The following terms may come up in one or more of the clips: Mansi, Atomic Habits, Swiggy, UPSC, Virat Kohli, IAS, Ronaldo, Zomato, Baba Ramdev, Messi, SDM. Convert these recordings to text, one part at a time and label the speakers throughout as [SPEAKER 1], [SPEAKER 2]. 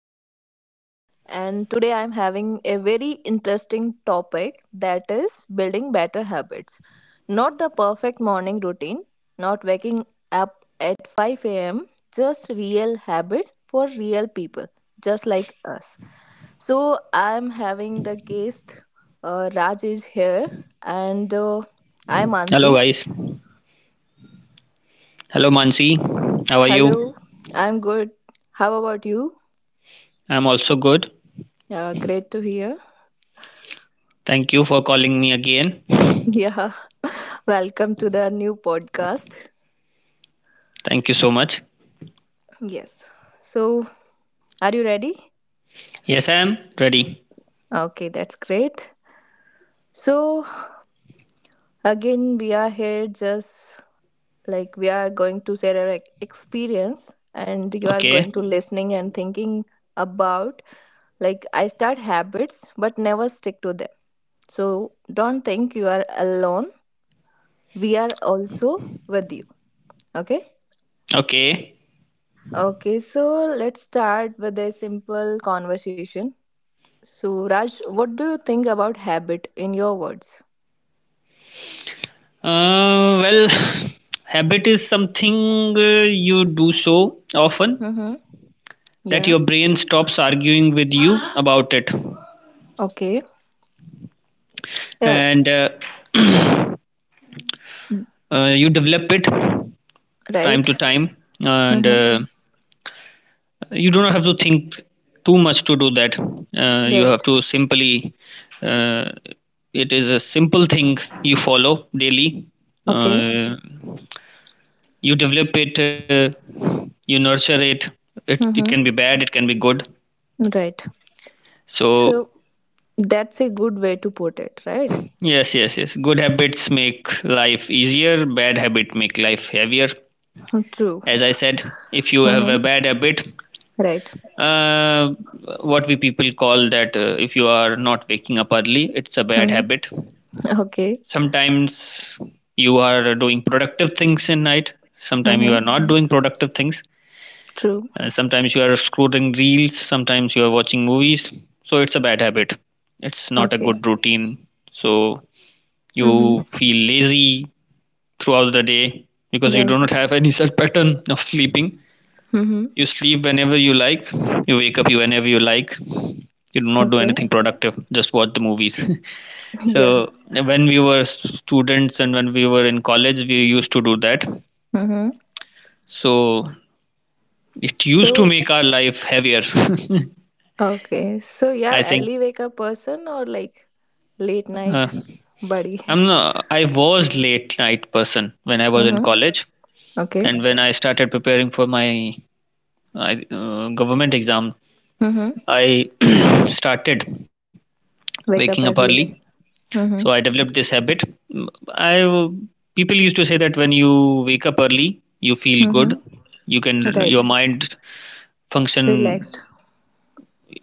[SPEAKER 1] podcast. And today I'm having a very interesting topic that is building better habits. Not the perfect morning routine, not waking up at 5 a.m., just real habit for real people, just like us. So I'm having the guest Raj is here, and I'm
[SPEAKER 2] Hello,
[SPEAKER 1] Ansi.
[SPEAKER 2] guys. Hello, Mansi. How are you?
[SPEAKER 1] Hello, I'm good. How about you?
[SPEAKER 2] I'm also good.
[SPEAKER 1] Great to hear.
[SPEAKER 2] Thank you for calling me again.
[SPEAKER 1] Yeah, welcome to the new podcast.
[SPEAKER 2] Thank you so much.
[SPEAKER 1] Yes. So, are you ready?
[SPEAKER 2] Yes, I am ready.
[SPEAKER 1] Okay, that's great. So, again, we are here just like we are going to share our experience and you are going
[SPEAKER 2] Okay.
[SPEAKER 1] to listening and thinking about like I start habits but never stick to them. So, don't think you are alone. We are also with you. Okay?
[SPEAKER 2] Okay.
[SPEAKER 1] Okay, so let's start with a simple conversation. So, Raj, what do you think about habit in your words?
[SPEAKER 2] Well, habit is something uh, you do so often
[SPEAKER 1] Mm-hmm.
[SPEAKER 2] that
[SPEAKER 1] Yeah.
[SPEAKER 2] your brain stops arguing with you about it.
[SPEAKER 1] Okay. Yeah.
[SPEAKER 2] And you develop it time to
[SPEAKER 1] Right.
[SPEAKER 2] time. And
[SPEAKER 1] Mm-hmm.
[SPEAKER 2] uh, you don't have to think too much to do that. You have
[SPEAKER 1] Right.
[SPEAKER 2] to simply, uh, it is a simple thing you follow daily.
[SPEAKER 1] Okay.
[SPEAKER 2] uh, you develop it, you nurture it. It can be
[SPEAKER 1] Mm-hmm.
[SPEAKER 2] bad, it can be good.
[SPEAKER 1] Right.
[SPEAKER 2] So
[SPEAKER 1] So, that's a good way to put it, right?
[SPEAKER 2] yes, yes, yes, good habits make life easier, bad habit make life heavier.
[SPEAKER 1] True.
[SPEAKER 2] As I said, if you have a
[SPEAKER 1] Mm-hmm.
[SPEAKER 2] bad habit,
[SPEAKER 1] Right.
[SPEAKER 2] uh, what we people call that, if you are not waking up early, it's a bad
[SPEAKER 1] Mm-hmm.
[SPEAKER 2] habit.
[SPEAKER 1] Okay.
[SPEAKER 2] Sometimes you are doing productive things in night, sometimes you
[SPEAKER 1] Mm-hmm.
[SPEAKER 2] are not doing productive things.
[SPEAKER 1] True.
[SPEAKER 2] Sometimes you are scrolling reels, sometimes you are watching movies. So it's a bad habit, it's not a
[SPEAKER 1] Okay.
[SPEAKER 2] good routine. So you
[SPEAKER 1] Mm-hmm.
[SPEAKER 2] feel lazy throughout the day because you
[SPEAKER 1] Right.
[SPEAKER 2] do not have any set pattern of sleeping.
[SPEAKER 1] Mm-hmm.
[SPEAKER 2] You sleep whenever you like, you wake up you whenever you like, you do not do
[SPEAKER 1] Okay.
[SPEAKER 2] anything productive, just watch the movies.
[SPEAKER 1] Yeah.
[SPEAKER 2] So when we were students and when we were in college, we used to do that.
[SPEAKER 1] Mm-hmm.
[SPEAKER 2] So it used to
[SPEAKER 1] So,
[SPEAKER 2] make our life heavier.
[SPEAKER 1] okay. So, you're
[SPEAKER 2] I think
[SPEAKER 1] early wake up person or like late night
[SPEAKER 2] uh,
[SPEAKER 1] buddy?
[SPEAKER 2] I'm not, I was late night person when I was in
[SPEAKER 1] Mm-hmm.
[SPEAKER 2] college,
[SPEAKER 1] Okay.
[SPEAKER 2] and when I started preparing for my government exam,
[SPEAKER 1] Mm-hmm.
[SPEAKER 2] I started waking
[SPEAKER 1] Wake
[SPEAKER 2] up
[SPEAKER 1] up
[SPEAKER 2] early.
[SPEAKER 1] early.
[SPEAKER 2] So
[SPEAKER 1] Mm-hmm.
[SPEAKER 2] I developed this habit. Mm, I w- People used to say that when you wake up early, you feel
[SPEAKER 1] Mm-hmm.
[SPEAKER 2] good. You can
[SPEAKER 1] Right.
[SPEAKER 2] your mind function,
[SPEAKER 1] Relaxed.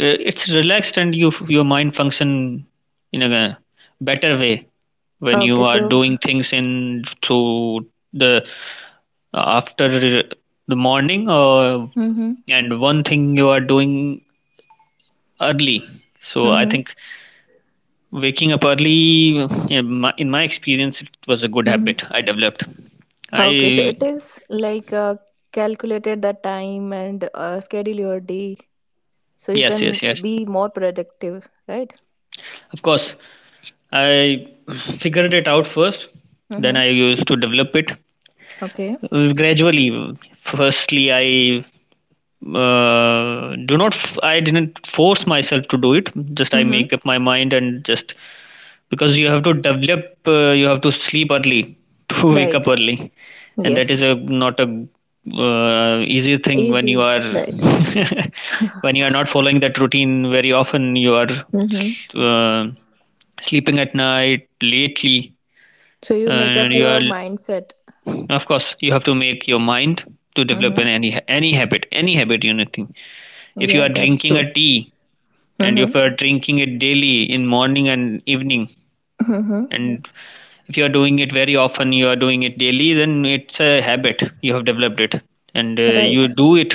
[SPEAKER 2] it's relaxed and your mind function in a better way when you
[SPEAKER 1] Okay.
[SPEAKER 2] are
[SPEAKER 1] So.
[SPEAKER 2] doing things in through the after the morning or
[SPEAKER 1] Mm-hmm.
[SPEAKER 2] and one thing you are doing early. So I
[SPEAKER 1] Mm-hmm.
[SPEAKER 2] think waking up early, in my experience, it was a good
[SPEAKER 1] Mm-hmm.
[SPEAKER 2] habit I developed.
[SPEAKER 1] Okay. So
[SPEAKER 2] I
[SPEAKER 1] it is like calculated the time and schedule your day so you
[SPEAKER 2] Yes,
[SPEAKER 1] can
[SPEAKER 2] yes, yes,
[SPEAKER 1] be more productive. Right.
[SPEAKER 2] of course. I figured it out first, then
[SPEAKER 1] Mm-hmm.
[SPEAKER 2] I used to develop it
[SPEAKER 1] Okay.
[SPEAKER 2] gradually. Firstly, I didn't force myself to do it, just I
[SPEAKER 1] Mm-hmm.
[SPEAKER 2] make up my mind. And just, because you have to develop, you have to sleep early to wake up
[SPEAKER 1] Right.
[SPEAKER 2] early. And that is
[SPEAKER 1] Yes.
[SPEAKER 2] a not a easy thing when you
[SPEAKER 1] Easy.
[SPEAKER 2] are,
[SPEAKER 1] Right.
[SPEAKER 2] when you are not following that routine very often. You are
[SPEAKER 1] Mm-hmm.
[SPEAKER 2] uh, sleeping at night lately.
[SPEAKER 1] So you make
[SPEAKER 2] And
[SPEAKER 1] up
[SPEAKER 2] you
[SPEAKER 1] your
[SPEAKER 2] are,
[SPEAKER 1] mindset.
[SPEAKER 2] of course you have to make your mind to develop
[SPEAKER 1] Mm-hmm.
[SPEAKER 2] an any habit, any habit, you anything. If
[SPEAKER 1] Yeah,
[SPEAKER 2] you are
[SPEAKER 1] that's
[SPEAKER 2] drinking
[SPEAKER 1] true.
[SPEAKER 2] a tea, and
[SPEAKER 1] Mm-hmm.
[SPEAKER 2] if you are drinking it daily in morning and evening,
[SPEAKER 1] Mm-hmm.
[SPEAKER 2] and if you are doing it very often, you are doing it daily, then it's a habit. You have developed it. And
[SPEAKER 1] Right.
[SPEAKER 2] you do it,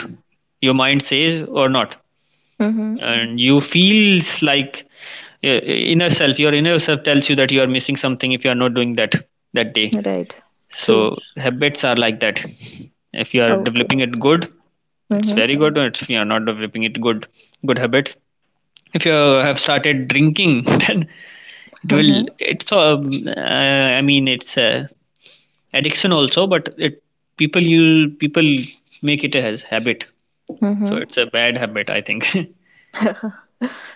[SPEAKER 2] your mind says or not.
[SPEAKER 1] Mm-hmm.
[SPEAKER 2] And you feels like uh, inner self your inner self tells you that you are missing something if you are not doing that, that day.
[SPEAKER 1] Right. True.
[SPEAKER 2] So habits are like that. If you are
[SPEAKER 1] Okay.
[SPEAKER 2] developing it good, it's
[SPEAKER 1] Mm-hmm.
[SPEAKER 2] very good. Or if you are not developing it good, good habits. If you have started drinking, then it will.
[SPEAKER 1] Mm-hmm.
[SPEAKER 2] It's I mean, it's addiction also, but it people make it as habit. So
[SPEAKER 1] Mm-hmm.
[SPEAKER 2] it's a bad habit, I think.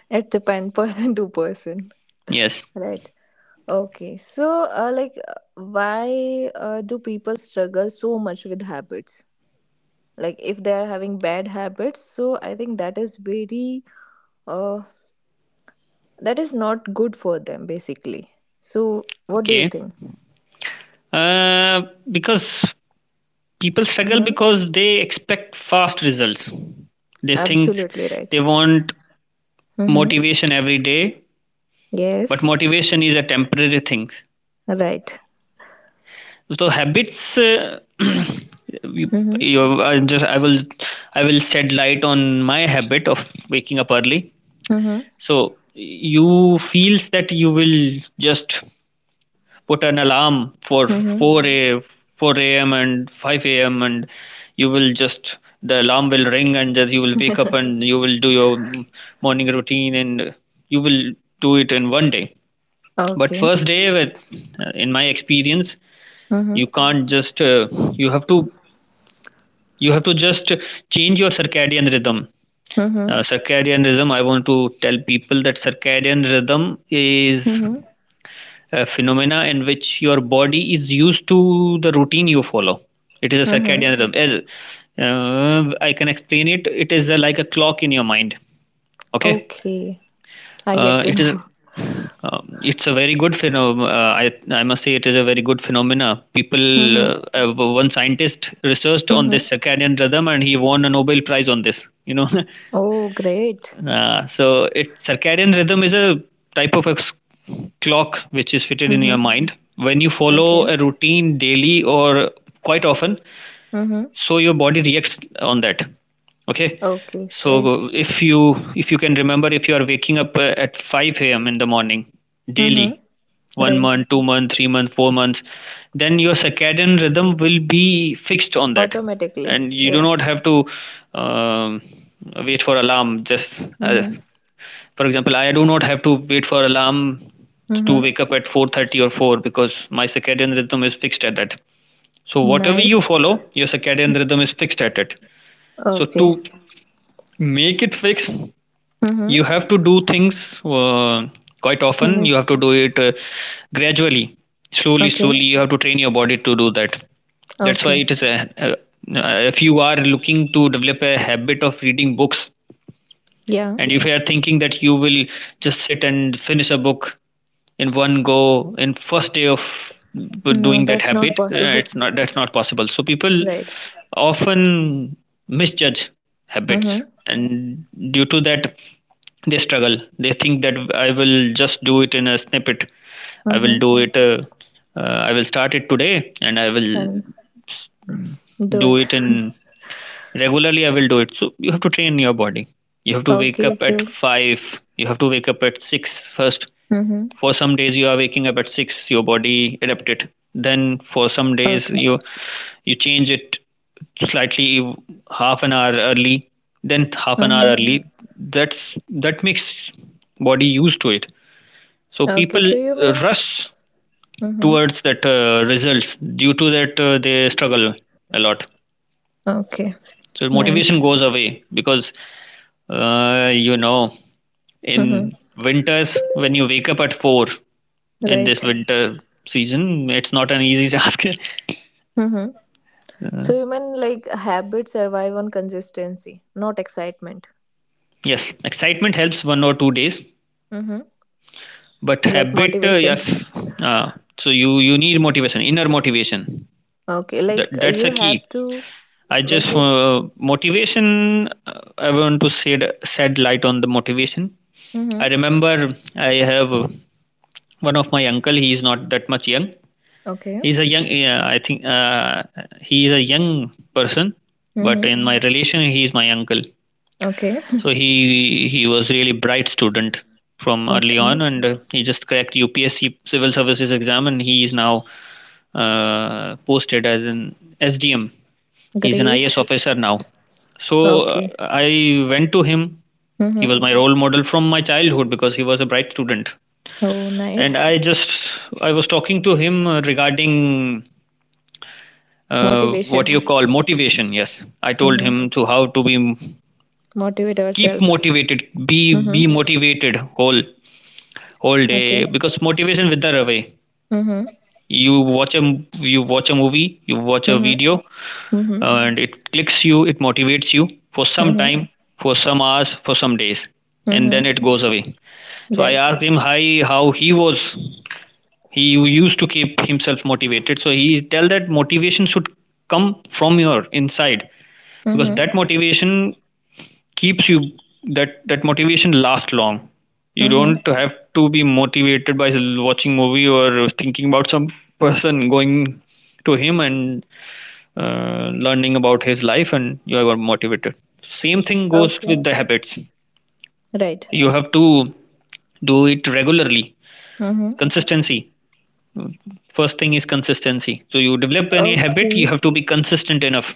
[SPEAKER 1] It depends person to person.
[SPEAKER 2] Yes.
[SPEAKER 1] Right. Okay. So, like, why do people struggle so much with habits? Like, if they are having bad habits, so I think that is very, uh, that is not good for them, basically. So, what do you
[SPEAKER 2] Okay.
[SPEAKER 1] think?
[SPEAKER 2] Uh, because people struggle
[SPEAKER 1] Mm-hmm.
[SPEAKER 2] because they expect fast results. They think
[SPEAKER 1] Absolutely right.
[SPEAKER 2] they want
[SPEAKER 1] Mm-hmm.
[SPEAKER 2] motivation every day, but
[SPEAKER 1] Yes.
[SPEAKER 2] motivation is a temporary thing.
[SPEAKER 1] Right.
[SPEAKER 2] So habits, you,
[SPEAKER 1] Mm-hmm.
[SPEAKER 2] you I will shed light on my habit of waking up early.
[SPEAKER 1] Mm-hmm.
[SPEAKER 2] So you feels that you will just put an alarm for
[SPEAKER 1] Mm-hmm.
[SPEAKER 2] 4 a, 4 a.m and 5 a.m. And you will just, the alarm will ring, and just you will wake up and you will do your morning routine, and you will do it in one day. But
[SPEAKER 1] okay.
[SPEAKER 2] first day with, in my experience,
[SPEAKER 1] Mm-hmm.
[SPEAKER 2] you can't just, you have to just change your circadian rhythm.
[SPEAKER 1] Mm-hmm.
[SPEAKER 2] Circadian rhythm, I want to tell people that circadian rhythm is
[SPEAKER 1] Mm-hmm.
[SPEAKER 2] a phenomena in which your body is used to the routine you follow. It is a
[SPEAKER 1] Mm-hmm.
[SPEAKER 2] circadian rhythm. As I can explain it, it is a, like a clock in your mind. Okay.
[SPEAKER 1] Okay. I get to
[SPEAKER 2] It is,
[SPEAKER 1] know.
[SPEAKER 2] it's a very good phenom. I must say it is a very good phenomena. People,
[SPEAKER 1] Mm-hmm.
[SPEAKER 2] one scientist researched on
[SPEAKER 1] Mm-hmm.
[SPEAKER 2] this circadian rhythm, and he won a Nobel Prize on this. You know.
[SPEAKER 1] Oh, great.
[SPEAKER 2] So it circadian rhythm is a type of a clock which is fitted in
[SPEAKER 1] Mm-hmm.
[SPEAKER 2] your mind. When you
[SPEAKER 1] Okay.
[SPEAKER 2] follow a routine daily or quite often,
[SPEAKER 1] Mm-hmm.
[SPEAKER 2] so your body reacts on that. Okay.
[SPEAKER 1] Okay. See.
[SPEAKER 2] So if you can remember, if you are waking up at 5 a.m in the morning
[SPEAKER 1] Mm-hmm.
[SPEAKER 2] daily, one
[SPEAKER 1] Right.
[SPEAKER 2] month 2 month, 3 month, 4 months, then your circadian rhythm will be fixed on that.
[SPEAKER 1] Automatically.
[SPEAKER 2] And you do
[SPEAKER 1] Yeah.
[SPEAKER 2] not have to, um, wait for alarm. Just,
[SPEAKER 1] Mm-hmm.
[SPEAKER 2] for example, I do not have to wait for alarm to
[SPEAKER 1] Mm-hmm.
[SPEAKER 2] wake up at 4:30 or 4 because my circadian rhythm is fixed at that. So whatever you
[SPEAKER 1] Nice.
[SPEAKER 2] follow, your circadian rhythm is fixed at it. So
[SPEAKER 1] Okay.
[SPEAKER 2] to make it fixed,
[SPEAKER 1] Mm-hmm.
[SPEAKER 2] you have to do things, quite often.
[SPEAKER 1] Really?
[SPEAKER 2] You have to do it, gradually, slowly,
[SPEAKER 1] Okay.
[SPEAKER 2] slowly. You have to train your body to do that. That's why
[SPEAKER 1] Okay.
[SPEAKER 2] it is a if you are looking to develop a habit of reading books,
[SPEAKER 1] Yeah.
[SPEAKER 2] and if you are thinking that you will just sit and finish a book in one go in first day of
[SPEAKER 1] No,
[SPEAKER 2] doing that
[SPEAKER 1] that's not
[SPEAKER 2] habit,
[SPEAKER 1] possible.
[SPEAKER 2] it's not that's not possible. So people
[SPEAKER 1] right.
[SPEAKER 2] often misjudge habits,
[SPEAKER 1] Mm-hmm.
[SPEAKER 2] and due to that, they struggle. They think that I will just do it in a snippet. I will
[SPEAKER 1] Mm-hmm.
[SPEAKER 2] do it. I will start it today, and I will
[SPEAKER 1] And do
[SPEAKER 2] do
[SPEAKER 1] it.
[SPEAKER 2] it in regularly, I will do it. So you have to train your body. You have to wake
[SPEAKER 1] okay.
[SPEAKER 2] up at
[SPEAKER 1] So.
[SPEAKER 2] 5. You have to wake up at 6 first.
[SPEAKER 1] Mm-hmm.
[SPEAKER 2] For some days, you are waking up at 6. Your body adapted. Then for some
[SPEAKER 1] Okay.
[SPEAKER 2] days, you change it slightly, half an hour early. Then half an hour
[SPEAKER 1] Mm-hmm.
[SPEAKER 2] early. That makes body used to it. So
[SPEAKER 1] Okay. So
[SPEAKER 2] people
[SPEAKER 1] you mean.
[SPEAKER 2] rush
[SPEAKER 1] Mm-hmm.
[SPEAKER 2] towards that, results. Due to that, they struggle a lot.
[SPEAKER 1] Okay.
[SPEAKER 2] So
[SPEAKER 1] Nice.
[SPEAKER 2] motivation goes away because, uh, you know,
[SPEAKER 1] Mm-hmm.
[SPEAKER 2] in winters, when you wake up at 4 in
[SPEAKER 1] Right.
[SPEAKER 2] this winter season, it's not an easy task.
[SPEAKER 1] Mm-hmm. So
[SPEAKER 2] Uh,
[SPEAKER 1] you mean like habits survive on consistency, not excitement.
[SPEAKER 2] yes, excitement helps 1 or 2 days,
[SPEAKER 1] Mm-hmm.
[SPEAKER 2] but
[SPEAKER 1] Like
[SPEAKER 2] habit,
[SPEAKER 1] motivation.
[SPEAKER 2] yes. Uh, so you need motivation, inner motivation.
[SPEAKER 1] Okay. Like
[SPEAKER 2] That's a
[SPEAKER 1] you
[SPEAKER 2] key.
[SPEAKER 1] have to
[SPEAKER 2] I just
[SPEAKER 1] make it.
[SPEAKER 2] Motivation. I want to shed light on the motivation. I
[SPEAKER 1] Mm-hmm.
[SPEAKER 2] remember I have, one of my uncle. He is not that much young,
[SPEAKER 1] Okay.
[SPEAKER 2] he's a young, I think, he is a young person, but
[SPEAKER 1] Mm-hmm.
[SPEAKER 2] in my relation he is my uncle.
[SPEAKER 1] Okay.
[SPEAKER 2] So he was really bright student from early
[SPEAKER 1] Okay.
[SPEAKER 2] on, and he just cracked UPSC civil services exam, and he is now, posted as an SDM. He's an IAS
[SPEAKER 1] Great.
[SPEAKER 2] officer now. So
[SPEAKER 1] Okay.
[SPEAKER 2] I went to him. He
[SPEAKER 1] Mm-hmm.
[SPEAKER 2] was my role model from my childhood because he was a bright student.
[SPEAKER 1] Oh,
[SPEAKER 2] And
[SPEAKER 1] nice.
[SPEAKER 2] I was talking to him, regarding,
[SPEAKER 1] Motivation.
[SPEAKER 2] what you call motivation. Yes, I told him
[SPEAKER 1] Mm-hmm.
[SPEAKER 2] to how to be,
[SPEAKER 1] Motivate
[SPEAKER 2] keep
[SPEAKER 1] ourselves.
[SPEAKER 2] motivated. Be
[SPEAKER 1] Mm-hmm.
[SPEAKER 2] motivated whole day
[SPEAKER 1] Okay.
[SPEAKER 2] because motivation wither away.
[SPEAKER 1] Mm-hmm.
[SPEAKER 2] you watch a you watch a movie, you watch a
[SPEAKER 1] Mm-hmm.
[SPEAKER 2] video,
[SPEAKER 1] Mm-hmm.
[SPEAKER 2] and it clicks you, it motivates you for some
[SPEAKER 1] Mm-hmm.
[SPEAKER 2] time, for some hours, for some days, and
[SPEAKER 1] Mm-hmm.
[SPEAKER 2] then it goes away. So I
[SPEAKER 1] Right.
[SPEAKER 2] asked him how, how he was he used to keep himself motivated. So he tell that motivation should come from your inside, because
[SPEAKER 1] Mm-hmm.
[SPEAKER 2] that motivation keeps you, that motivation lasts long. You
[SPEAKER 1] Mm-hmm.
[SPEAKER 2] don't have to be motivated by watching movie, or thinking about some person, going to him and learning about his life, and you are motivated. Same thing goes
[SPEAKER 1] Okay.
[SPEAKER 2] with the habits.
[SPEAKER 1] Right.
[SPEAKER 2] You have to do it regularly.
[SPEAKER 1] Mm-hmm.
[SPEAKER 2] Consistency, first thing is consistency. So you develop any habit, you
[SPEAKER 1] Okay.
[SPEAKER 2] have to be consistent enough.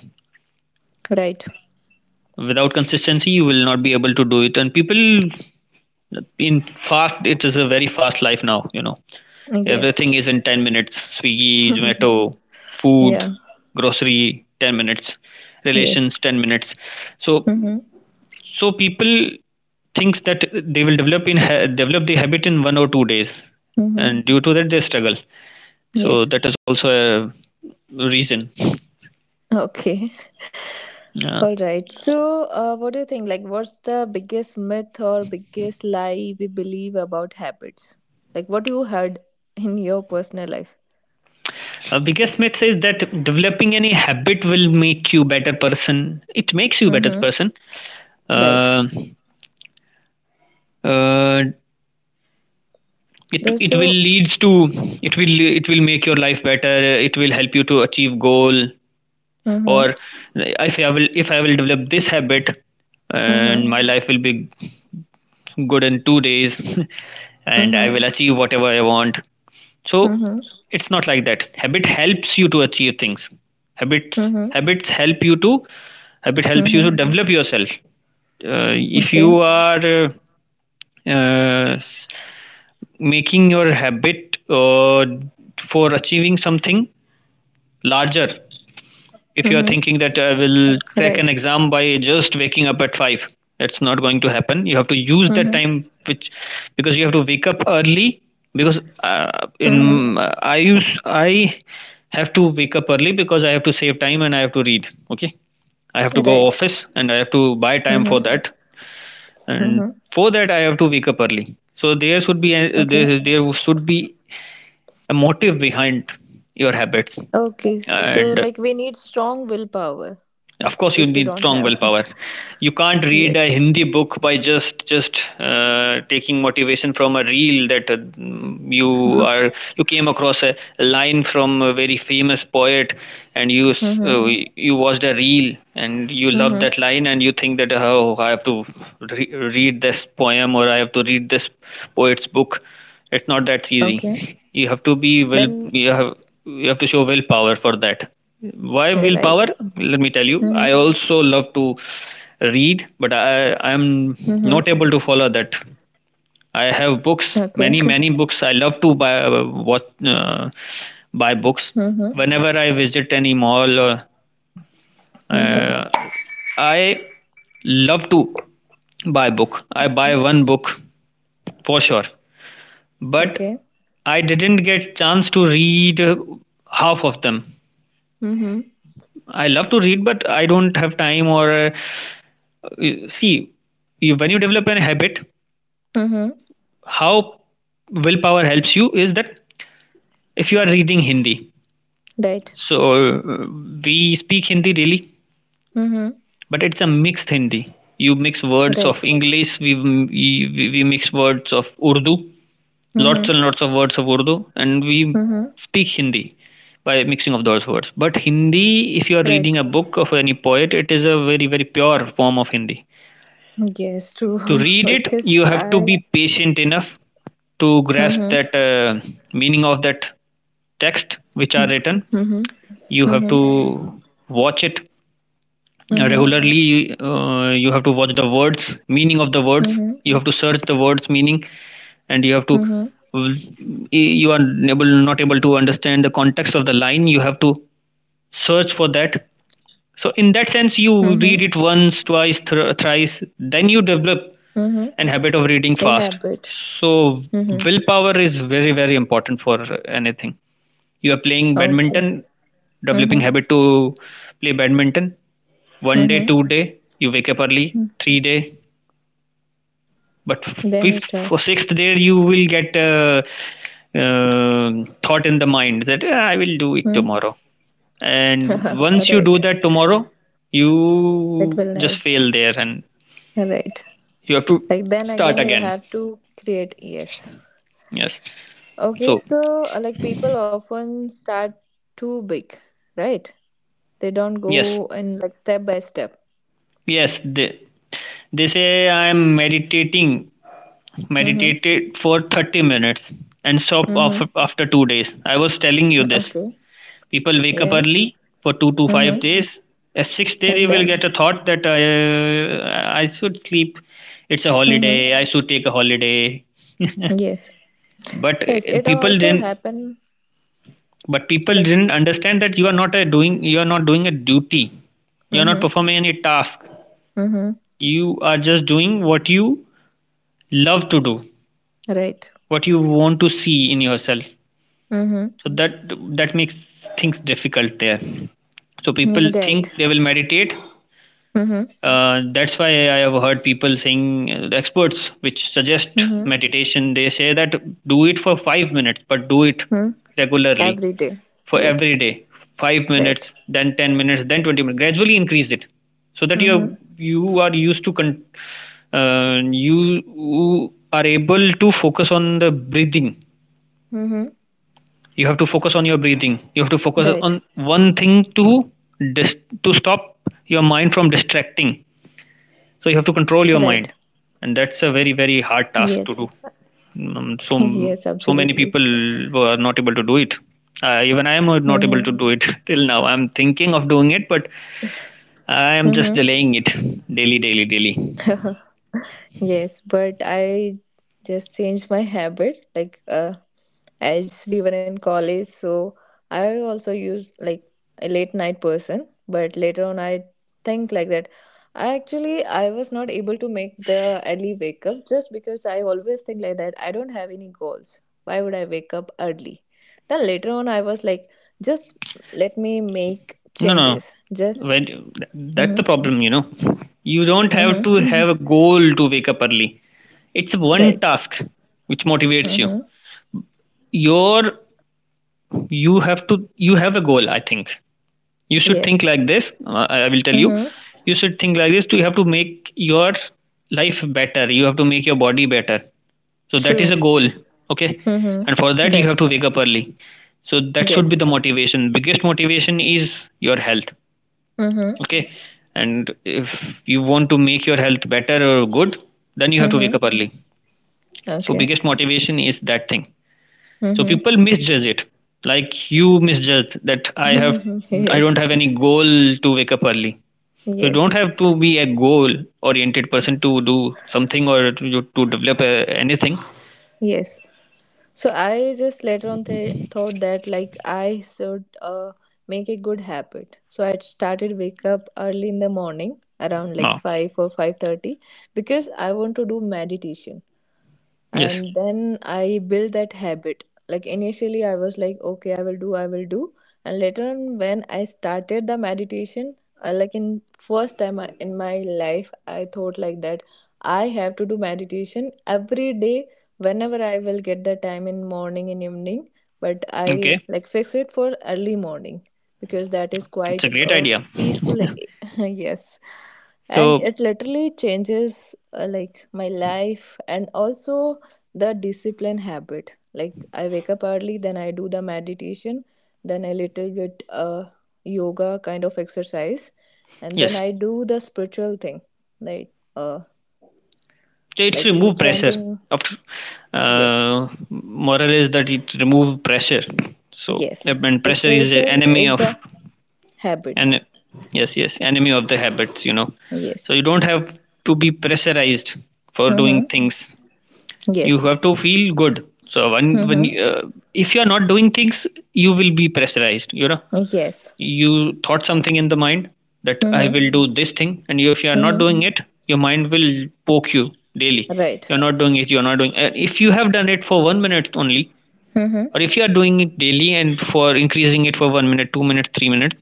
[SPEAKER 1] Right.
[SPEAKER 2] Without consistency, you will not be able to do it. And people, in fast it is a very fast life now, everything
[SPEAKER 1] Yes.
[SPEAKER 2] is in 10 minutes. Swiggy,
[SPEAKER 1] Mhm.
[SPEAKER 2] Zomato food,
[SPEAKER 1] Yeah.
[SPEAKER 2] grocery 10 minutes,
[SPEAKER 1] Yes.
[SPEAKER 2] relations 10 minutes. so
[SPEAKER 1] Mm-hmm.
[SPEAKER 2] so people thinks that they will develop the habit in 1 or 2 days,
[SPEAKER 1] Mm-hmm.
[SPEAKER 2] and due to that they struggle. So
[SPEAKER 1] Yes.
[SPEAKER 2] that is also a reason.
[SPEAKER 1] Okay.
[SPEAKER 2] Yeah.
[SPEAKER 1] All right. So, what do you think? Like, what's the biggest myth or biggest lie we believe about habits? Like, what you heard in your personal life?
[SPEAKER 2] A biggest myth is that developing any habit will make you better person. It makes you better
[SPEAKER 1] Mm-hmm.
[SPEAKER 2] person.
[SPEAKER 1] Right.
[SPEAKER 2] uh, uh, it
[SPEAKER 1] There's
[SPEAKER 2] it will
[SPEAKER 1] so.
[SPEAKER 2] leads to, it will make your life better, it will help you to achieve goal.
[SPEAKER 1] Mm-hmm.
[SPEAKER 2] Or if I will develop this habit,
[SPEAKER 1] Mm-hmm.
[SPEAKER 2] and my life will be good in 2 days, and I
[SPEAKER 1] Mm-hmm.
[SPEAKER 2] will achieve whatever I want. So
[SPEAKER 1] Mm-hmm.
[SPEAKER 2] it's not like that. Habit helps you to achieve things. Habits
[SPEAKER 1] Mm-hmm.
[SPEAKER 2] habits help you to, habit helps you to
[SPEAKER 1] Mm-hmm.
[SPEAKER 2] develop yourself. Uh, if
[SPEAKER 1] Okay.
[SPEAKER 2] you are uh, uh, making your habit for achieving something larger,
[SPEAKER 1] Mm-hmm.
[SPEAKER 2] if you're thinking that I will
[SPEAKER 1] Right.
[SPEAKER 2] crack an exam by just waking up at five, that's not going to happen. You have to use
[SPEAKER 1] Mm-hmm.
[SPEAKER 2] that time, which, because you have to wake up early. Because
[SPEAKER 1] Mm-hmm.
[SPEAKER 2] in I use I have to wake up early because I have to save time and I have to read. Okay, I have to go
[SPEAKER 1] Right.
[SPEAKER 2] office and I have to buy time for
[SPEAKER 1] Mm-hmm.
[SPEAKER 2] that, and
[SPEAKER 1] Mm-hmm.
[SPEAKER 2] for that I have to wake up early. So there should be a,
[SPEAKER 1] Okay.
[SPEAKER 2] there should be a motive behind your habits,
[SPEAKER 1] Okay. So,
[SPEAKER 2] and
[SPEAKER 1] like, we need strong willpower
[SPEAKER 2] of course, you
[SPEAKER 1] which we
[SPEAKER 2] need
[SPEAKER 1] don't
[SPEAKER 2] strong
[SPEAKER 1] have.
[SPEAKER 2] willpower. You can't read a
[SPEAKER 1] yes.
[SPEAKER 2] Hindi book by just taking motivation from a reel that you came across a line from a very famous poet, and uh,
[SPEAKER 1] Mhm.
[SPEAKER 2] you watched a reel and you love that
[SPEAKER 1] Mhm.
[SPEAKER 2] line and you think that, oh, I have to read this poem or I have to read this poet's book. It's not that easy.
[SPEAKER 1] Okay.
[SPEAKER 2] You have to be will
[SPEAKER 1] Then
[SPEAKER 2] you have you have to show willpower for that. Why
[SPEAKER 1] you're
[SPEAKER 2] willpower?
[SPEAKER 1] right.
[SPEAKER 2] Let me tell you. I
[SPEAKER 1] Mhm.
[SPEAKER 2] also love to read, but I am
[SPEAKER 1] Mhm.
[SPEAKER 2] not able to follow that. I have books,
[SPEAKER 1] Okay.
[SPEAKER 2] many many books. I love to buy what buy books.
[SPEAKER 1] mhm.
[SPEAKER 2] Whenever I visit any mall, or,
[SPEAKER 1] Mhm.
[SPEAKER 2] uh, I love to buy book. I buy
[SPEAKER 1] Mhm.
[SPEAKER 2] one book for sure, but
[SPEAKER 1] Okay.
[SPEAKER 2] I didn't get chance to read half of them.
[SPEAKER 1] Mhm.
[SPEAKER 2] I love to read, but I don't have time or you- see you, when you develop an habit,
[SPEAKER 1] Mhm.
[SPEAKER 2] how willpower helps you is that if you are reading Hindi,
[SPEAKER 1] Right.
[SPEAKER 2] so we speak Hindi really,
[SPEAKER 1] Mhm.
[SPEAKER 2] but it's a mixed Hindi. You mix words of
[SPEAKER 1] Right.
[SPEAKER 2] English. We mix words of Urdu, lots and
[SPEAKER 1] Mhm.
[SPEAKER 2] lots of words of Urdu, and we
[SPEAKER 1] Mhm.
[SPEAKER 2] speak Hindi by mixing of those words. But Hindi, if you are
[SPEAKER 1] Right.
[SPEAKER 2] reading a book of any poet, it is a very very pure form of Hindi.
[SPEAKER 1] Yes.
[SPEAKER 2] To
[SPEAKER 1] True.
[SPEAKER 2] read it,
[SPEAKER 1] because
[SPEAKER 2] you have to
[SPEAKER 1] I.
[SPEAKER 2] be patient enough to grasp
[SPEAKER 1] Mhm.
[SPEAKER 2] that meaning of that text which are
[SPEAKER 1] Mhm.
[SPEAKER 2] written.
[SPEAKER 1] Mhm.
[SPEAKER 2] You have
[SPEAKER 1] Mhm.
[SPEAKER 2] to watch it
[SPEAKER 1] Mhm.
[SPEAKER 2] regularly. You have to watch the words, meaning of the words. You have to search the words meaning, and you have to.
[SPEAKER 1] Mhm.
[SPEAKER 2] You are able, not able to understand the context of the line. You have to search for that. So in that sense you
[SPEAKER 1] Mhm.
[SPEAKER 2] read it once, twice, thrice, then you develop
[SPEAKER 1] Mhm.
[SPEAKER 2] an habit of reading
[SPEAKER 1] A
[SPEAKER 2] fast.
[SPEAKER 1] habit.
[SPEAKER 2] So
[SPEAKER 1] Mhm.
[SPEAKER 2] willpower is very very important for anything. You are playing
[SPEAKER 1] Okay.
[SPEAKER 2] badminton, developing
[SPEAKER 1] Mhm.
[SPEAKER 2] habit to play badminton. One day,
[SPEAKER 1] Mhm.
[SPEAKER 2] two day, you wake up early, three day, but
[SPEAKER 1] Then you
[SPEAKER 2] fifth
[SPEAKER 1] start.
[SPEAKER 2] or sixth, there you will get a, uh, thought in the mind that, "Ah, I will do it
[SPEAKER 1] Mm-hmm.
[SPEAKER 2] tomorrow," and once you
[SPEAKER 1] right.
[SPEAKER 2] do that tomorrow, you
[SPEAKER 1] it will
[SPEAKER 2] just
[SPEAKER 1] ne-
[SPEAKER 2] fail there and
[SPEAKER 1] right.
[SPEAKER 2] you have to
[SPEAKER 1] Like then
[SPEAKER 2] start
[SPEAKER 1] again you
[SPEAKER 2] again.
[SPEAKER 1] have to create. Yes.
[SPEAKER 2] Yes.
[SPEAKER 1] Okay.
[SPEAKER 2] So,
[SPEAKER 1] So like people often start too big, right? They don't
[SPEAKER 2] yes,
[SPEAKER 1] go in like step by step.
[SPEAKER 2] yes, they say, I am meditating,
[SPEAKER 1] Mm-hmm.
[SPEAKER 2] meditated for 30 minutes and stop after,
[SPEAKER 1] Mm-hmm.
[SPEAKER 2] after 2 days. I was telling you this.
[SPEAKER 1] Okay.
[SPEAKER 2] People wake up
[SPEAKER 1] Yes.
[SPEAKER 2] early for two to five
[SPEAKER 1] Mm-hmm.
[SPEAKER 2] days. A sixth day, they
[SPEAKER 1] And
[SPEAKER 2] will
[SPEAKER 1] then,
[SPEAKER 2] get a thought that I should sleep. It's a
[SPEAKER 1] mm-hmm,
[SPEAKER 2] holiday. I should take a holiday.
[SPEAKER 1] yes.
[SPEAKER 2] But
[SPEAKER 1] Yes, it
[SPEAKER 2] people
[SPEAKER 1] also
[SPEAKER 2] didn't.
[SPEAKER 1] happen.
[SPEAKER 2] But people
[SPEAKER 1] Like,
[SPEAKER 2] didn't understand that you are not a doing. You are not doing a duty. You are not
[SPEAKER 1] mm-hmm,
[SPEAKER 2] performing any task.
[SPEAKER 1] mm-hmm.
[SPEAKER 2] You are just doing what you love to do,
[SPEAKER 1] Right.
[SPEAKER 2] what you want to see in yourself.
[SPEAKER 1] Mm-hmm.
[SPEAKER 2] So that, that makes things difficult there. So people
[SPEAKER 1] Right.
[SPEAKER 2] think they will meditate.
[SPEAKER 1] Mm-hmm.
[SPEAKER 2] That's why I have heard people saying, experts which suggest
[SPEAKER 1] Mm-hmm.
[SPEAKER 2] meditation, they say that do it for 5 minutes, but do it
[SPEAKER 1] Mm-hmm.
[SPEAKER 2] regularly
[SPEAKER 1] Every day.
[SPEAKER 2] for
[SPEAKER 1] Yes.
[SPEAKER 2] every day. Five
[SPEAKER 1] Right.
[SPEAKER 2] minutes, then 10 minutes, then 20 minutes. Gradually increase it so that you are,
[SPEAKER 1] Mm-hmm.
[SPEAKER 2] you are used to con- you are able to focus on the breathing.
[SPEAKER 1] Mm-hmm.
[SPEAKER 2] You have to focus on your breathing. You have to focus on
[SPEAKER 1] Right.
[SPEAKER 2] one thing to dis- to stop your mind from distracting. So you have to control your
[SPEAKER 1] Right.
[SPEAKER 2] mind, and that's a very very hard task
[SPEAKER 1] Yes.
[SPEAKER 2] to do. So,
[SPEAKER 1] yes,
[SPEAKER 2] so many
[SPEAKER 1] absolutely.
[SPEAKER 2] people were not able to do it. Even I am not able
[SPEAKER 1] Mm-hmm.
[SPEAKER 2] to do it. Till now I'm thinking of doing it, but I am just
[SPEAKER 1] Mm-hmm.
[SPEAKER 2] delaying it daily, daily, daily.
[SPEAKER 1] yes, but I just changed my habit. Like as we were in college, so I also used like a late night person, but later on I think like that, I actually I was not able to make the early wake up just because I always think like that I don't have any goals. Why would I wake up early? Then later on I was like, just let me make
[SPEAKER 2] No, no, no.
[SPEAKER 1] changes,
[SPEAKER 2] when
[SPEAKER 1] just
[SPEAKER 2] th- that's
[SPEAKER 1] hmm,
[SPEAKER 2] the problem, you know. You don't have to
[SPEAKER 1] hmm.
[SPEAKER 2] have a goal to wake up early. It's one
[SPEAKER 1] Right.
[SPEAKER 2] task which motivates you.
[SPEAKER 1] Hmm.
[SPEAKER 2] Your, you have to, you have a goal, I think. You should think
[SPEAKER 1] Yes.
[SPEAKER 2] like this, I will tell you.
[SPEAKER 1] Hmm.
[SPEAKER 2] You should think like this, you have to make your life better, you have to make your body better. So that is a
[SPEAKER 1] True.
[SPEAKER 2] goal. Okay,
[SPEAKER 1] Hmm.
[SPEAKER 2] and for that you
[SPEAKER 1] Right.
[SPEAKER 2] have to wake up early. So that should
[SPEAKER 1] Yes.
[SPEAKER 2] be the motivation. Biggest motivation is your health.
[SPEAKER 1] Hmm.
[SPEAKER 2] Okay. And if you want to make your health better or good, then you have to
[SPEAKER 1] Hmm.
[SPEAKER 2] wake up early. So
[SPEAKER 1] Okay.
[SPEAKER 2] biggest motivation is that thing. So people misjudge it, like you misjudge that I have,
[SPEAKER 1] Mm-hmm.
[SPEAKER 2] I
[SPEAKER 1] yes,
[SPEAKER 2] don't have any goal to wake up early. So you
[SPEAKER 1] yes,
[SPEAKER 2] don't have to be a goal oriented person to do something or to develop anything.
[SPEAKER 1] yes. So I just later on thought that like I should make a good habit. So I started wake up early in the morning around like
[SPEAKER 2] No.
[SPEAKER 1] 5 or 5:30 because I want to do meditation.
[SPEAKER 2] Yes.
[SPEAKER 1] And then I built that habit. Like initially I was like okay I will do. And later on when I started the meditation, like in first time in my life I thought like that I have to do meditation every day, whenever I will get the time in morning and evening, but
[SPEAKER 2] Okay.
[SPEAKER 1] I like fix it for early morning because that is
[SPEAKER 2] It's a
[SPEAKER 1] quite
[SPEAKER 2] great
[SPEAKER 1] a
[SPEAKER 2] idea.
[SPEAKER 1] peaceful. Yes. And
[SPEAKER 2] So,
[SPEAKER 1] it literally changes, like, my life and also the discipline habit. Like I wake up early, then I do the meditation, then a little bit yoga kind of exercise, and then
[SPEAKER 2] yes.
[SPEAKER 1] I do the spiritual thing like uh,
[SPEAKER 2] So it's
[SPEAKER 1] like
[SPEAKER 2] remove pressure.
[SPEAKER 1] chanting.
[SPEAKER 2] After,
[SPEAKER 1] Yes.
[SPEAKER 2] moral is that it remove pressure. So
[SPEAKER 1] Yes,
[SPEAKER 2] and
[SPEAKER 1] like
[SPEAKER 2] pressure is the
[SPEAKER 1] pressure
[SPEAKER 2] enemy
[SPEAKER 1] is
[SPEAKER 2] of,
[SPEAKER 1] the
[SPEAKER 2] and
[SPEAKER 1] habits.
[SPEAKER 2] yes, yes, enemy of the habits, you know.
[SPEAKER 1] Yes.
[SPEAKER 2] So you don't have to be pressurized for doing
[SPEAKER 1] Mm-hmm.
[SPEAKER 2] things. You
[SPEAKER 1] Yes.
[SPEAKER 2] have to feel good. So when
[SPEAKER 1] Mm-hmm.
[SPEAKER 2] if you are not doing things, you will be pressurized, you know.
[SPEAKER 1] Yes.
[SPEAKER 2] You thought something in the mind that I
[SPEAKER 1] Mm-hmm.
[SPEAKER 2] will do this thing, and you, if you are not
[SPEAKER 1] Mm-hmm.
[SPEAKER 2] doing it, your mind will poke you daily.
[SPEAKER 1] Right.
[SPEAKER 2] You're not doing it, you're not doing if you have done it for 1 minute only,
[SPEAKER 1] Mm-hmm.
[SPEAKER 2] or if you are doing it daily and for increasing it for 1 minute, 2 minutes, 3 minutes,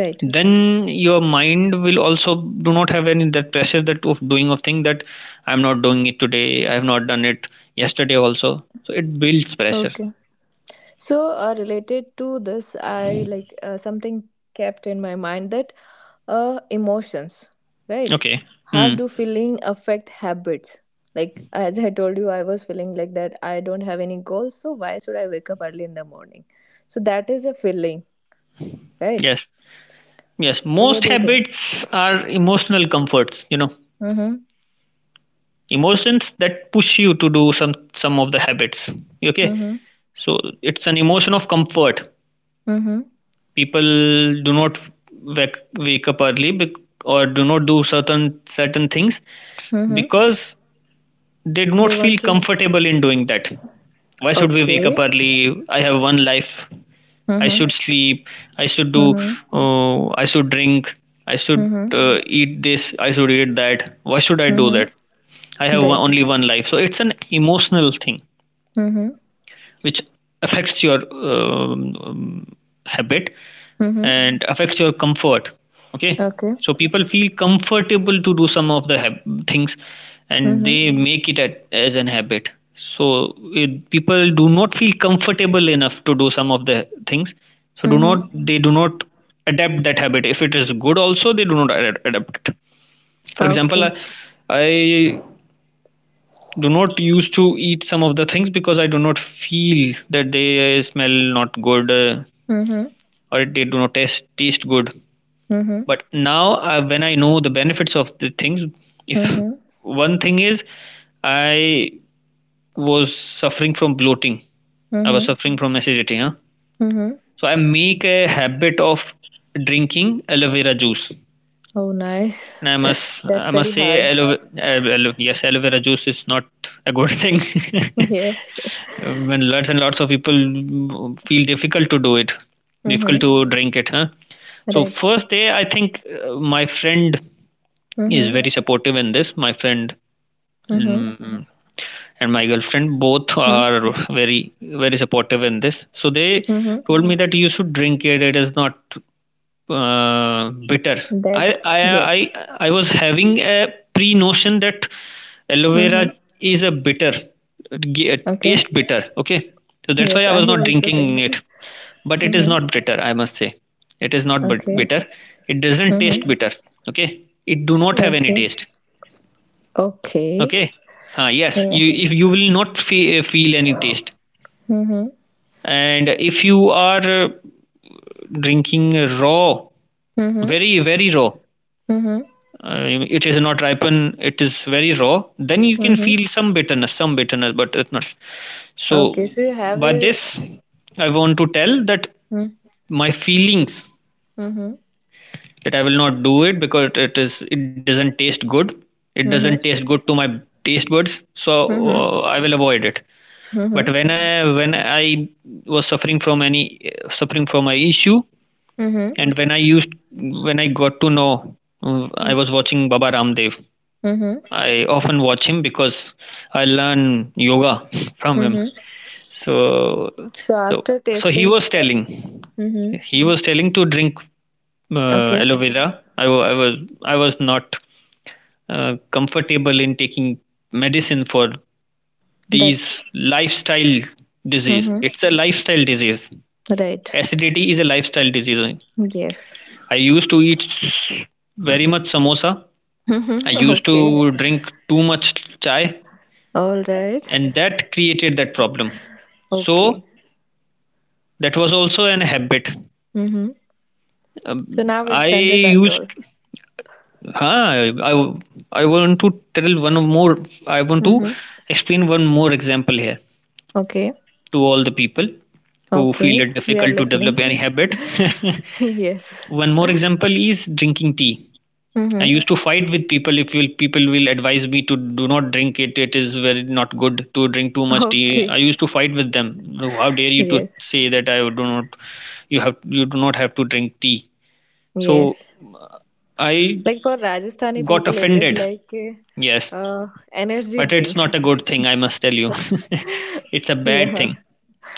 [SPEAKER 1] Right.
[SPEAKER 2] then your mind will also do not have any that pressure that of doing of thing, that I'm not doing it today, I have not done it yesterday also, so it builds pressure.
[SPEAKER 1] Okay. So related to this I like, something kept in my mind that emotions, right?
[SPEAKER 2] Okay.
[SPEAKER 1] How
[SPEAKER 2] Hmm.
[SPEAKER 1] do feeling affect habits? Like as I told you, I was feeling like that I don't have any goals, so why should I wake up early in the morning? So that is a feeling, right?
[SPEAKER 2] Yes, yes,
[SPEAKER 1] So what
[SPEAKER 2] most
[SPEAKER 1] do you think?
[SPEAKER 2] habits are emotional comforts, you know.
[SPEAKER 1] Mm-hmm.
[SPEAKER 2] Emotions that push you to do some of the habits. Okay.
[SPEAKER 1] Mm-hmm.
[SPEAKER 2] So it's an emotion of comfort.
[SPEAKER 1] Mm-hmm.
[SPEAKER 2] People do not wake up early or do not do certain things
[SPEAKER 1] Mm-hmm.
[SPEAKER 2] because did
[SPEAKER 1] They
[SPEAKER 2] not feel
[SPEAKER 1] want to
[SPEAKER 2] comfortable in doing that. Why should we wake up
[SPEAKER 1] okay.
[SPEAKER 2] early? I have one life. I
[SPEAKER 1] Mm-hmm.
[SPEAKER 2] should sleep. I should do.
[SPEAKER 1] Mm-hmm.
[SPEAKER 2] I should drink. I should
[SPEAKER 1] Mm-hmm.
[SPEAKER 2] eat this. I should eat that. Why should I do
[SPEAKER 1] Mm-hmm.
[SPEAKER 2] that? I have one,
[SPEAKER 1] Right.
[SPEAKER 2] only one life. So it's an emotional thing
[SPEAKER 1] Mm-hmm.
[SPEAKER 2] which affects your um, um, habit
[SPEAKER 1] Mm-hmm.
[SPEAKER 2] and affects your comfort. Okay.
[SPEAKER 1] Okay.
[SPEAKER 2] So people feel comfortable to do some of the things, and
[SPEAKER 1] Mm-hmm.
[SPEAKER 2] they make it at, as an habit. So it, people do not feel comfortable enough to do some of the things, so do not,
[SPEAKER 1] Mm-hmm.
[SPEAKER 2] they do not adapt that habit. If it is good also, they do not adapt it. For example,
[SPEAKER 1] Okay.
[SPEAKER 2] I do not used to eat some of the things because I do not feel that they smell not good,
[SPEAKER 1] Mm-hmm.
[SPEAKER 2] or they do not taste good.
[SPEAKER 1] Mm-hmm.
[SPEAKER 2] But now, when I know the benefits of the things, if
[SPEAKER 1] Mm-hmm.
[SPEAKER 2] one thing is I was suffering from bloating, I was
[SPEAKER 1] Mm-hmm.
[SPEAKER 2] suffering from acidity, huh?
[SPEAKER 1] Mm-hmm.
[SPEAKER 2] So I make a habit of drinking aloe vera juice.
[SPEAKER 1] Oh, nice.
[SPEAKER 2] And
[SPEAKER 1] That's
[SPEAKER 2] I
[SPEAKER 1] very
[SPEAKER 2] must
[SPEAKER 1] hard.
[SPEAKER 2] say, aloe, aloe, yes, aloe vera juice is not a good thing.
[SPEAKER 1] yes.
[SPEAKER 2] When lots and lots of people, mm, feel difficult to do it, difficult
[SPEAKER 1] Mm-hmm.
[SPEAKER 2] to drink it, huh? So
[SPEAKER 1] Right.
[SPEAKER 2] first day, I think my friend is
[SPEAKER 1] Mm-hmm.
[SPEAKER 2] very supportive in this. My friend,
[SPEAKER 1] Mm-hmm.
[SPEAKER 2] mm, and my girlfriend both
[SPEAKER 1] Mm-hmm.
[SPEAKER 2] are very very supportive in this. So they
[SPEAKER 1] Mm-hmm.
[SPEAKER 2] told me that you should drink it. It is not bitter. I,
[SPEAKER 1] That.
[SPEAKER 2] I
[SPEAKER 1] Yes.
[SPEAKER 2] I I was having a pre notion that aloe
[SPEAKER 1] Mm-hmm.
[SPEAKER 2] vera is a bitter, it
[SPEAKER 1] Okay.
[SPEAKER 2] taste bitter. Okay, so that's why
[SPEAKER 1] Yes,
[SPEAKER 2] I was
[SPEAKER 1] I
[SPEAKER 2] not
[SPEAKER 1] also
[SPEAKER 2] drinking
[SPEAKER 1] think.
[SPEAKER 2] it. But it is
[SPEAKER 1] mm-hmm.
[SPEAKER 2] not bitter. I must say, it is not
[SPEAKER 1] Okay.
[SPEAKER 2] bitter. It doesn't
[SPEAKER 1] Mm-hmm.
[SPEAKER 2] taste bitter. Okay, it do not have any
[SPEAKER 1] Okay.
[SPEAKER 2] taste.
[SPEAKER 1] Okay.
[SPEAKER 2] Okay, yes,
[SPEAKER 1] Yeah.
[SPEAKER 2] you if you will not feel any taste.
[SPEAKER 1] Mm-hmm.
[SPEAKER 2] And if you are drinking raw,
[SPEAKER 1] Mm-hmm.
[SPEAKER 2] very very raw,
[SPEAKER 1] Mm-hmm.
[SPEAKER 2] uh, it is not ripen, it is very raw, then you can
[SPEAKER 1] Mm-hmm.
[SPEAKER 2] feel some bitterness, some bitterness, but it's not. So
[SPEAKER 1] Okay. So you have
[SPEAKER 2] by
[SPEAKER 1] a.
[SPEAKER 2] this I want to tell that
[SPEAKER 1] Mm-hmm.
[SPEAKER 2] my feelings
[SPEAKER 1] Mm-hmm.
[SPEAKER 2] that I will not do it because it doesn't taste good, it doesn't
[SPEAKER 1] Mm-hmm.
[SPEAKER 2] taste good to my taste buds. So
[SPEAKER 1] Mm-hmm.
[SPEAKER 2] I will avoid it. But
[SPEAKER 1] Mm-hmm.
[SPEAKER 2] when I was suffering from any suffering from an issue,
[SPEAKER 1] Mm-hmm.
[SPEAKER 2] and when I used, when I got to know, I was watching Baba Ramdev.
[SPEAKER 1] Mm-hmm.
[SPEAKER 2] I often watch him because I learn yoga from him.
[SPEAKER 1] Mm-hmm.
[SPEAKER 2] So,
[SPEAKER 1] So
[SPEAKER 2] so,
[SPEAKER 1] after
[SPEAKER 2] so
[SPEAKER 1] tasting. Mm-hmm.
[SPEAKER 2] he was telling to drink
[SPEAKER 1] Okay.
[SPEAKER 2] aloe vera. I was not comfortable in taking medicine for
[SPEAKER 1] That.
[SPEAKER 2] these lifestyle disease.
[SPEAKER 1] Mm-hmm.
[SPEAKER 2] It's a lifestyle disease.
[SPEAKER 1] Right.
[SPEAKER 2] Acidity is a lifestyle disease.
[SPEAKER 1] Yes.
[SPEAKER 2] I used to eat very much samosa. I used
[SPEAKER 1] okay.
[SPEAKER 2] to drink too much chai,
[SPEAKER 1] All right.
[SPEAKER 2] and that created that problem. So
[SPEAKER 1] Okay.
[SPEAKER 2] that was also an habit.
[SPEAKER 1] Mm-hmm. So now
[SPEAKER 2] I
[SPEAKER 1] it's under control.
[SPEAKER 2] used huh, I want to tell one more, I want to
[SPEAKER 1] Mm-hmm.
[SPEAKER 2] explain one more example here
[SPEAKER 1] Okay.
[SPEAKER 2] to all the people who feel
[SPEAKER 1] Okay.
[SPEAKER 2] it
[SPEAKER 1] We are
[SPEAKER 2] difficult to develop any
[SPEAKER 1] listening.
[SPEAKER 2] habit.
[SPEAKER 1] yes.
[SPEAKER 2] One more example is drinking tea. I
[SPEAKER 1] Mm-hmm.
[SPEAKER 2] used to fight with people if will people will advise me to do not drink it. It is very not good to drink too much tea. I
[SPEAKER 1] Okay.
[SPEAKER 2] used to fight with them. How dare you to
[SPEAKER 1] Yes.
[SPEAKER 2] say that I do not, you have, you do not have to drink tea. So
[SPEAKER 1] Yes.
[SPEAKER 2] I
[SPEAKER 1] Like for Rajasthani
[SPEAKER 2] got
[SPEAKER 1] people, it is
[SPEAKER 2] offended.
[SPEAKER 1] like a
[SPEAKER 2] Yes,
[SPEAKER 1] uh, energy
[SPEAKER 2] but it's
[SPEAKER 1] drink.
[SPEAKER 2] not a good thing. I must tell you, it's a bad
[SPEAKER 1] yeah.
[SPEAKER 2] thing.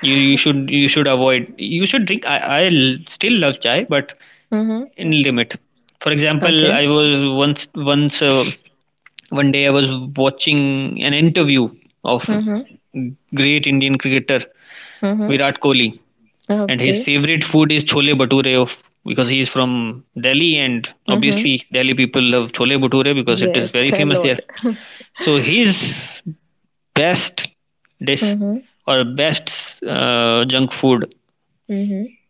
[SPEAKER 2] You should you should avoid. You should drink. Still love chai, but
[SPEAKER 1] Mm-hmm.
[SPEAKER 2] in limit. For example,
[SPEAKER 1] Okay.
[SPEAKER 2] I was once. One day I was watching an interview of
[SPEAKER 1] Mm-hmm.
[SPEAKER 2] great Indian cricketer
[SPEAKER 1] Mm-hmm.
[SPEAKER 2] Virat Kohli, and his
[SPEAKER 1] Okay.
[SPEAKER 2] favorite food is chole bhature of because he is from Delhi, and
[SPEAKER 1] Mm-hmm.
[SPEAKER 2] obviously Delhi people love chole bhature because it is
[SPEAKER 1] Yes.
[SPEAKER 2] very
[SPEAKER 1] A
[SPEAKER 2] famous there.
[SPEAKER 1] lot.
[SPEAKER 2] So his best dish
[SPEAKER 1] Mm-hmm.
[SPEAKER 2] or best junk food,
[SPEAKER 1] Mm-hmm.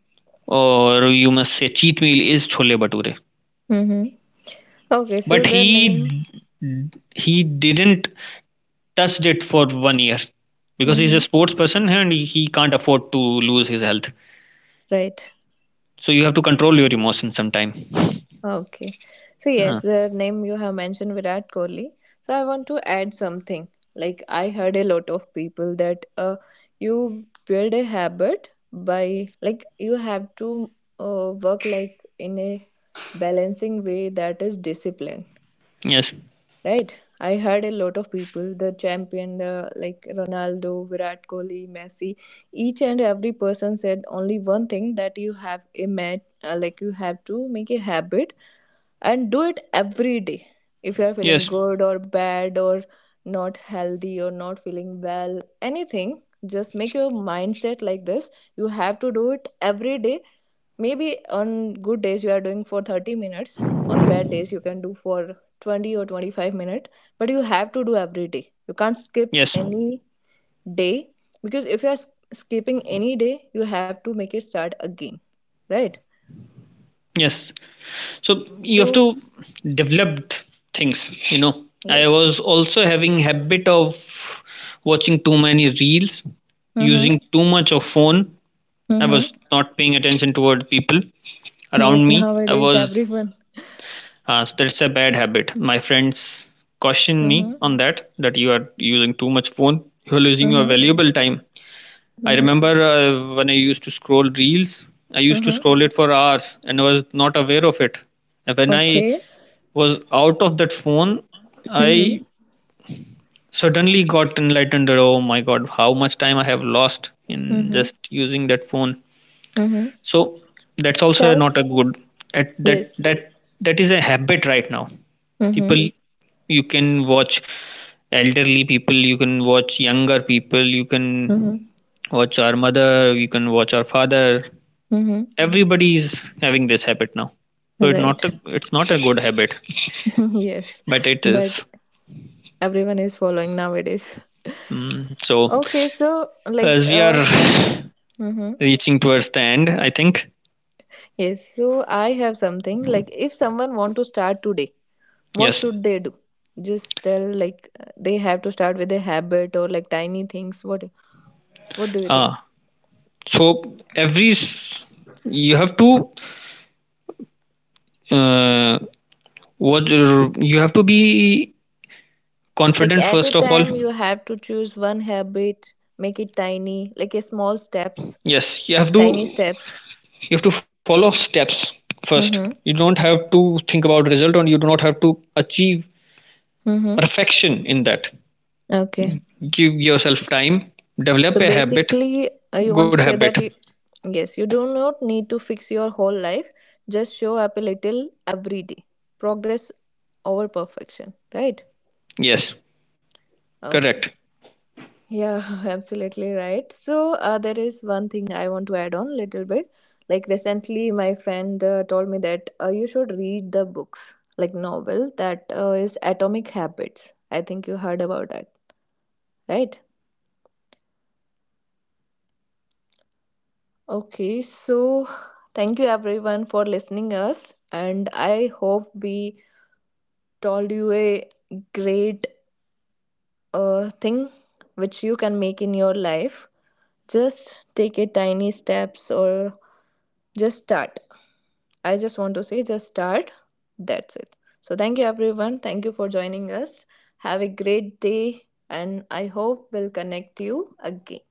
[SPEAKER 2] or you must say cheat meal, is chole bhature.
[SPEAKER 1] Mm-hmm. Okay, so
[SPEAKER 2] But
[SPEAKER 1] the name,
[SPEAKER 2] he didn't touched it for 1 year because he's a
[SPEAKER 1] mm-hmm,
[SPEAKER 2] sports person and he can't afford to lose his health.
[SPEAKER 1] right?
[SPEAKER 2] So you have to control your emotions sometime.
[SPEAKER 1] Okay. So, yes,
[SPEAKER 2] Ah,
[SPEAKER 1] the name you have mentioned Virat Kohli. So, I want to add something. Like, I heard a lot of people that you build a habit by, like, you have to work like in a balancing way that is discipline.
[SPEAKER 2] yes,
[SPEAKER 1] Right? I heard a lot of people, the champion, like Ronaldo, Virat Kohli, Messi, each and every person said only one thing that you have like you have to make a habit and do it every day. If you are feeling
[SPEAKER 2] yes,
[SPEAKER 1] good or bad or not healthy or not feeling well, anything, just make your mindset like this. You have to do it every day, maybe on good days you are doing for 30 minutes, on bad days you can do for 20 or 25 minutes, but you have to do every day. You can't skip
[SPEAKER 2] yes,
[SPEAKER 1] any day, because if you are skipping any day you have to make it start again, right?
[SPEAKER 2] yes. So you have
[SPEAKER 1] So
[SPEAKER 2] to develop things. You know, I
[SPEAKER 1] yes.
[SPEAKER 2] was also having habit of watching too many reels,
[SPEAKER 1] Mm-hmm.
[SPEAKER 2] using too much of phone. I was
[SPEAKER 1] Mm-hmm.
[SPEAKER 2] not paying attention toward people
[SPEAKER 1] Yes,
[SPEAKER 2] around me. I
[SPEAKER 1] nowadays
[SPEAKER 2] was,
[SPEAKER 1] everyone.
[SPEAKER 2] so that's a bad habit. My friends caution
[SPEAKER 1] Mm-hmm.
[SPEAKER 2] me on that, that you are using too much phone, you are losing your
[SPEAKER 1] Mm-hmm.
[SPEAKER 2] valuable time. I
[SPEAKER 1] Mm-hmm.
[SPEAKER 2] remember when I used to scroll reels. I used to scroll
[SPEAKER 1] Mm-hmm.
[SPEAKER 2] it for hours and I was not aware of it. And when I
[SPEAKER 1] Okay.
[SPEAKER 2] was out of that phone,
[SPEAKER 1] Mm-hmm.
[SPEAKER 2] I suddenly got enlightened, that, oh my God, how much time I have lost in
[SPEAKER 1] Mm-hmm.
[SPEAKER 2] just using that phone.
[SPEAKER 1] Mm-hmm.
[SPEAKER 2] So that's also
[SPEAKER 1] Self.
[SPEAKER 2] not a good, at that,
[SPEAKER 1] Yes.
[SPEAKER 2] that is a habit right now.
[SPEAKER 1] Mm-hmm.
[SPEAKER 2] People, you can watch elderly people, you can watch younger people, you can
[SPEAKER 1] Mm-hmm.
[SPEAKER 2] watch our mother, you can watch our father.
[SPEAKER 1] Mm-hmm.
[SPEAKER 2] Everybody is having this habit now. So
[SPEAKER 1] Right.
[SPEAKER 2] it's not a good habit,
[SPEAKER 1] yes,
[SPEAKER 2] but it
[SPEAKER 1] but
[SPEAKER 2] is.
[SPEAKER 1] everyone is following nowadays.
[SPEAKER 2] Mm, so
[SPEAKER 1] Okay, so like
[SPEAKER 2] as we are
[SPEAKER 1] mhm.
[SPEAKER 2] reaching towards the end, I think
[SPEAKER 1] Yes, so I have something like if someone want to start today, what
[SPEAKER 2] yes.
[SPEAKER 1] should they do? Just tell like they have to start with a habit or like tiny things. What do you think?
[SPEAKER 2] Ah, so you have to uh, be
[SPEAKER 1] Like
[SPEAKER 2] confident
[SPEAKER 1] at a
[SPEAKER 2] first of all.
[SPEAKER 1] time you have to choose one habit, make it tiny, like a small steps,
[SPEAKER 2] Yes,
[SPEAKER 1] tiny steps.
[SPEAKER 2] you have to follow steps. First you
[SPEAKER 1] Mhm.
[SPEAKER 2] don't have to think about result, or you do not have to achieve
[SPEAKER 1] Mhm.
[SPEAKER 2] perfection in that.
[SPEAKER 1] Okay.
[SPEAKER 2] Give yourself
[SPEAKER 1] So basically, you want to say that you, yes, you do not need to fix your whole life. Just show up a little every day. Progress over perfection, right? Okay. Yeah, absolutely right. So there is one thing I want to add on a little bit. Like recently, my friend told me that you should read the books, like novel that is Atomic Habits. I think you heard about that, right? Okay. So thank you everyone for listening us, and I hope we told you a great thing which you can make in your life. Just take a tiny steps, or just start. I just want to say, just start. That's it. So thank you everyone, thank you for joining us. Have a great day, and I hope we'll connect you again.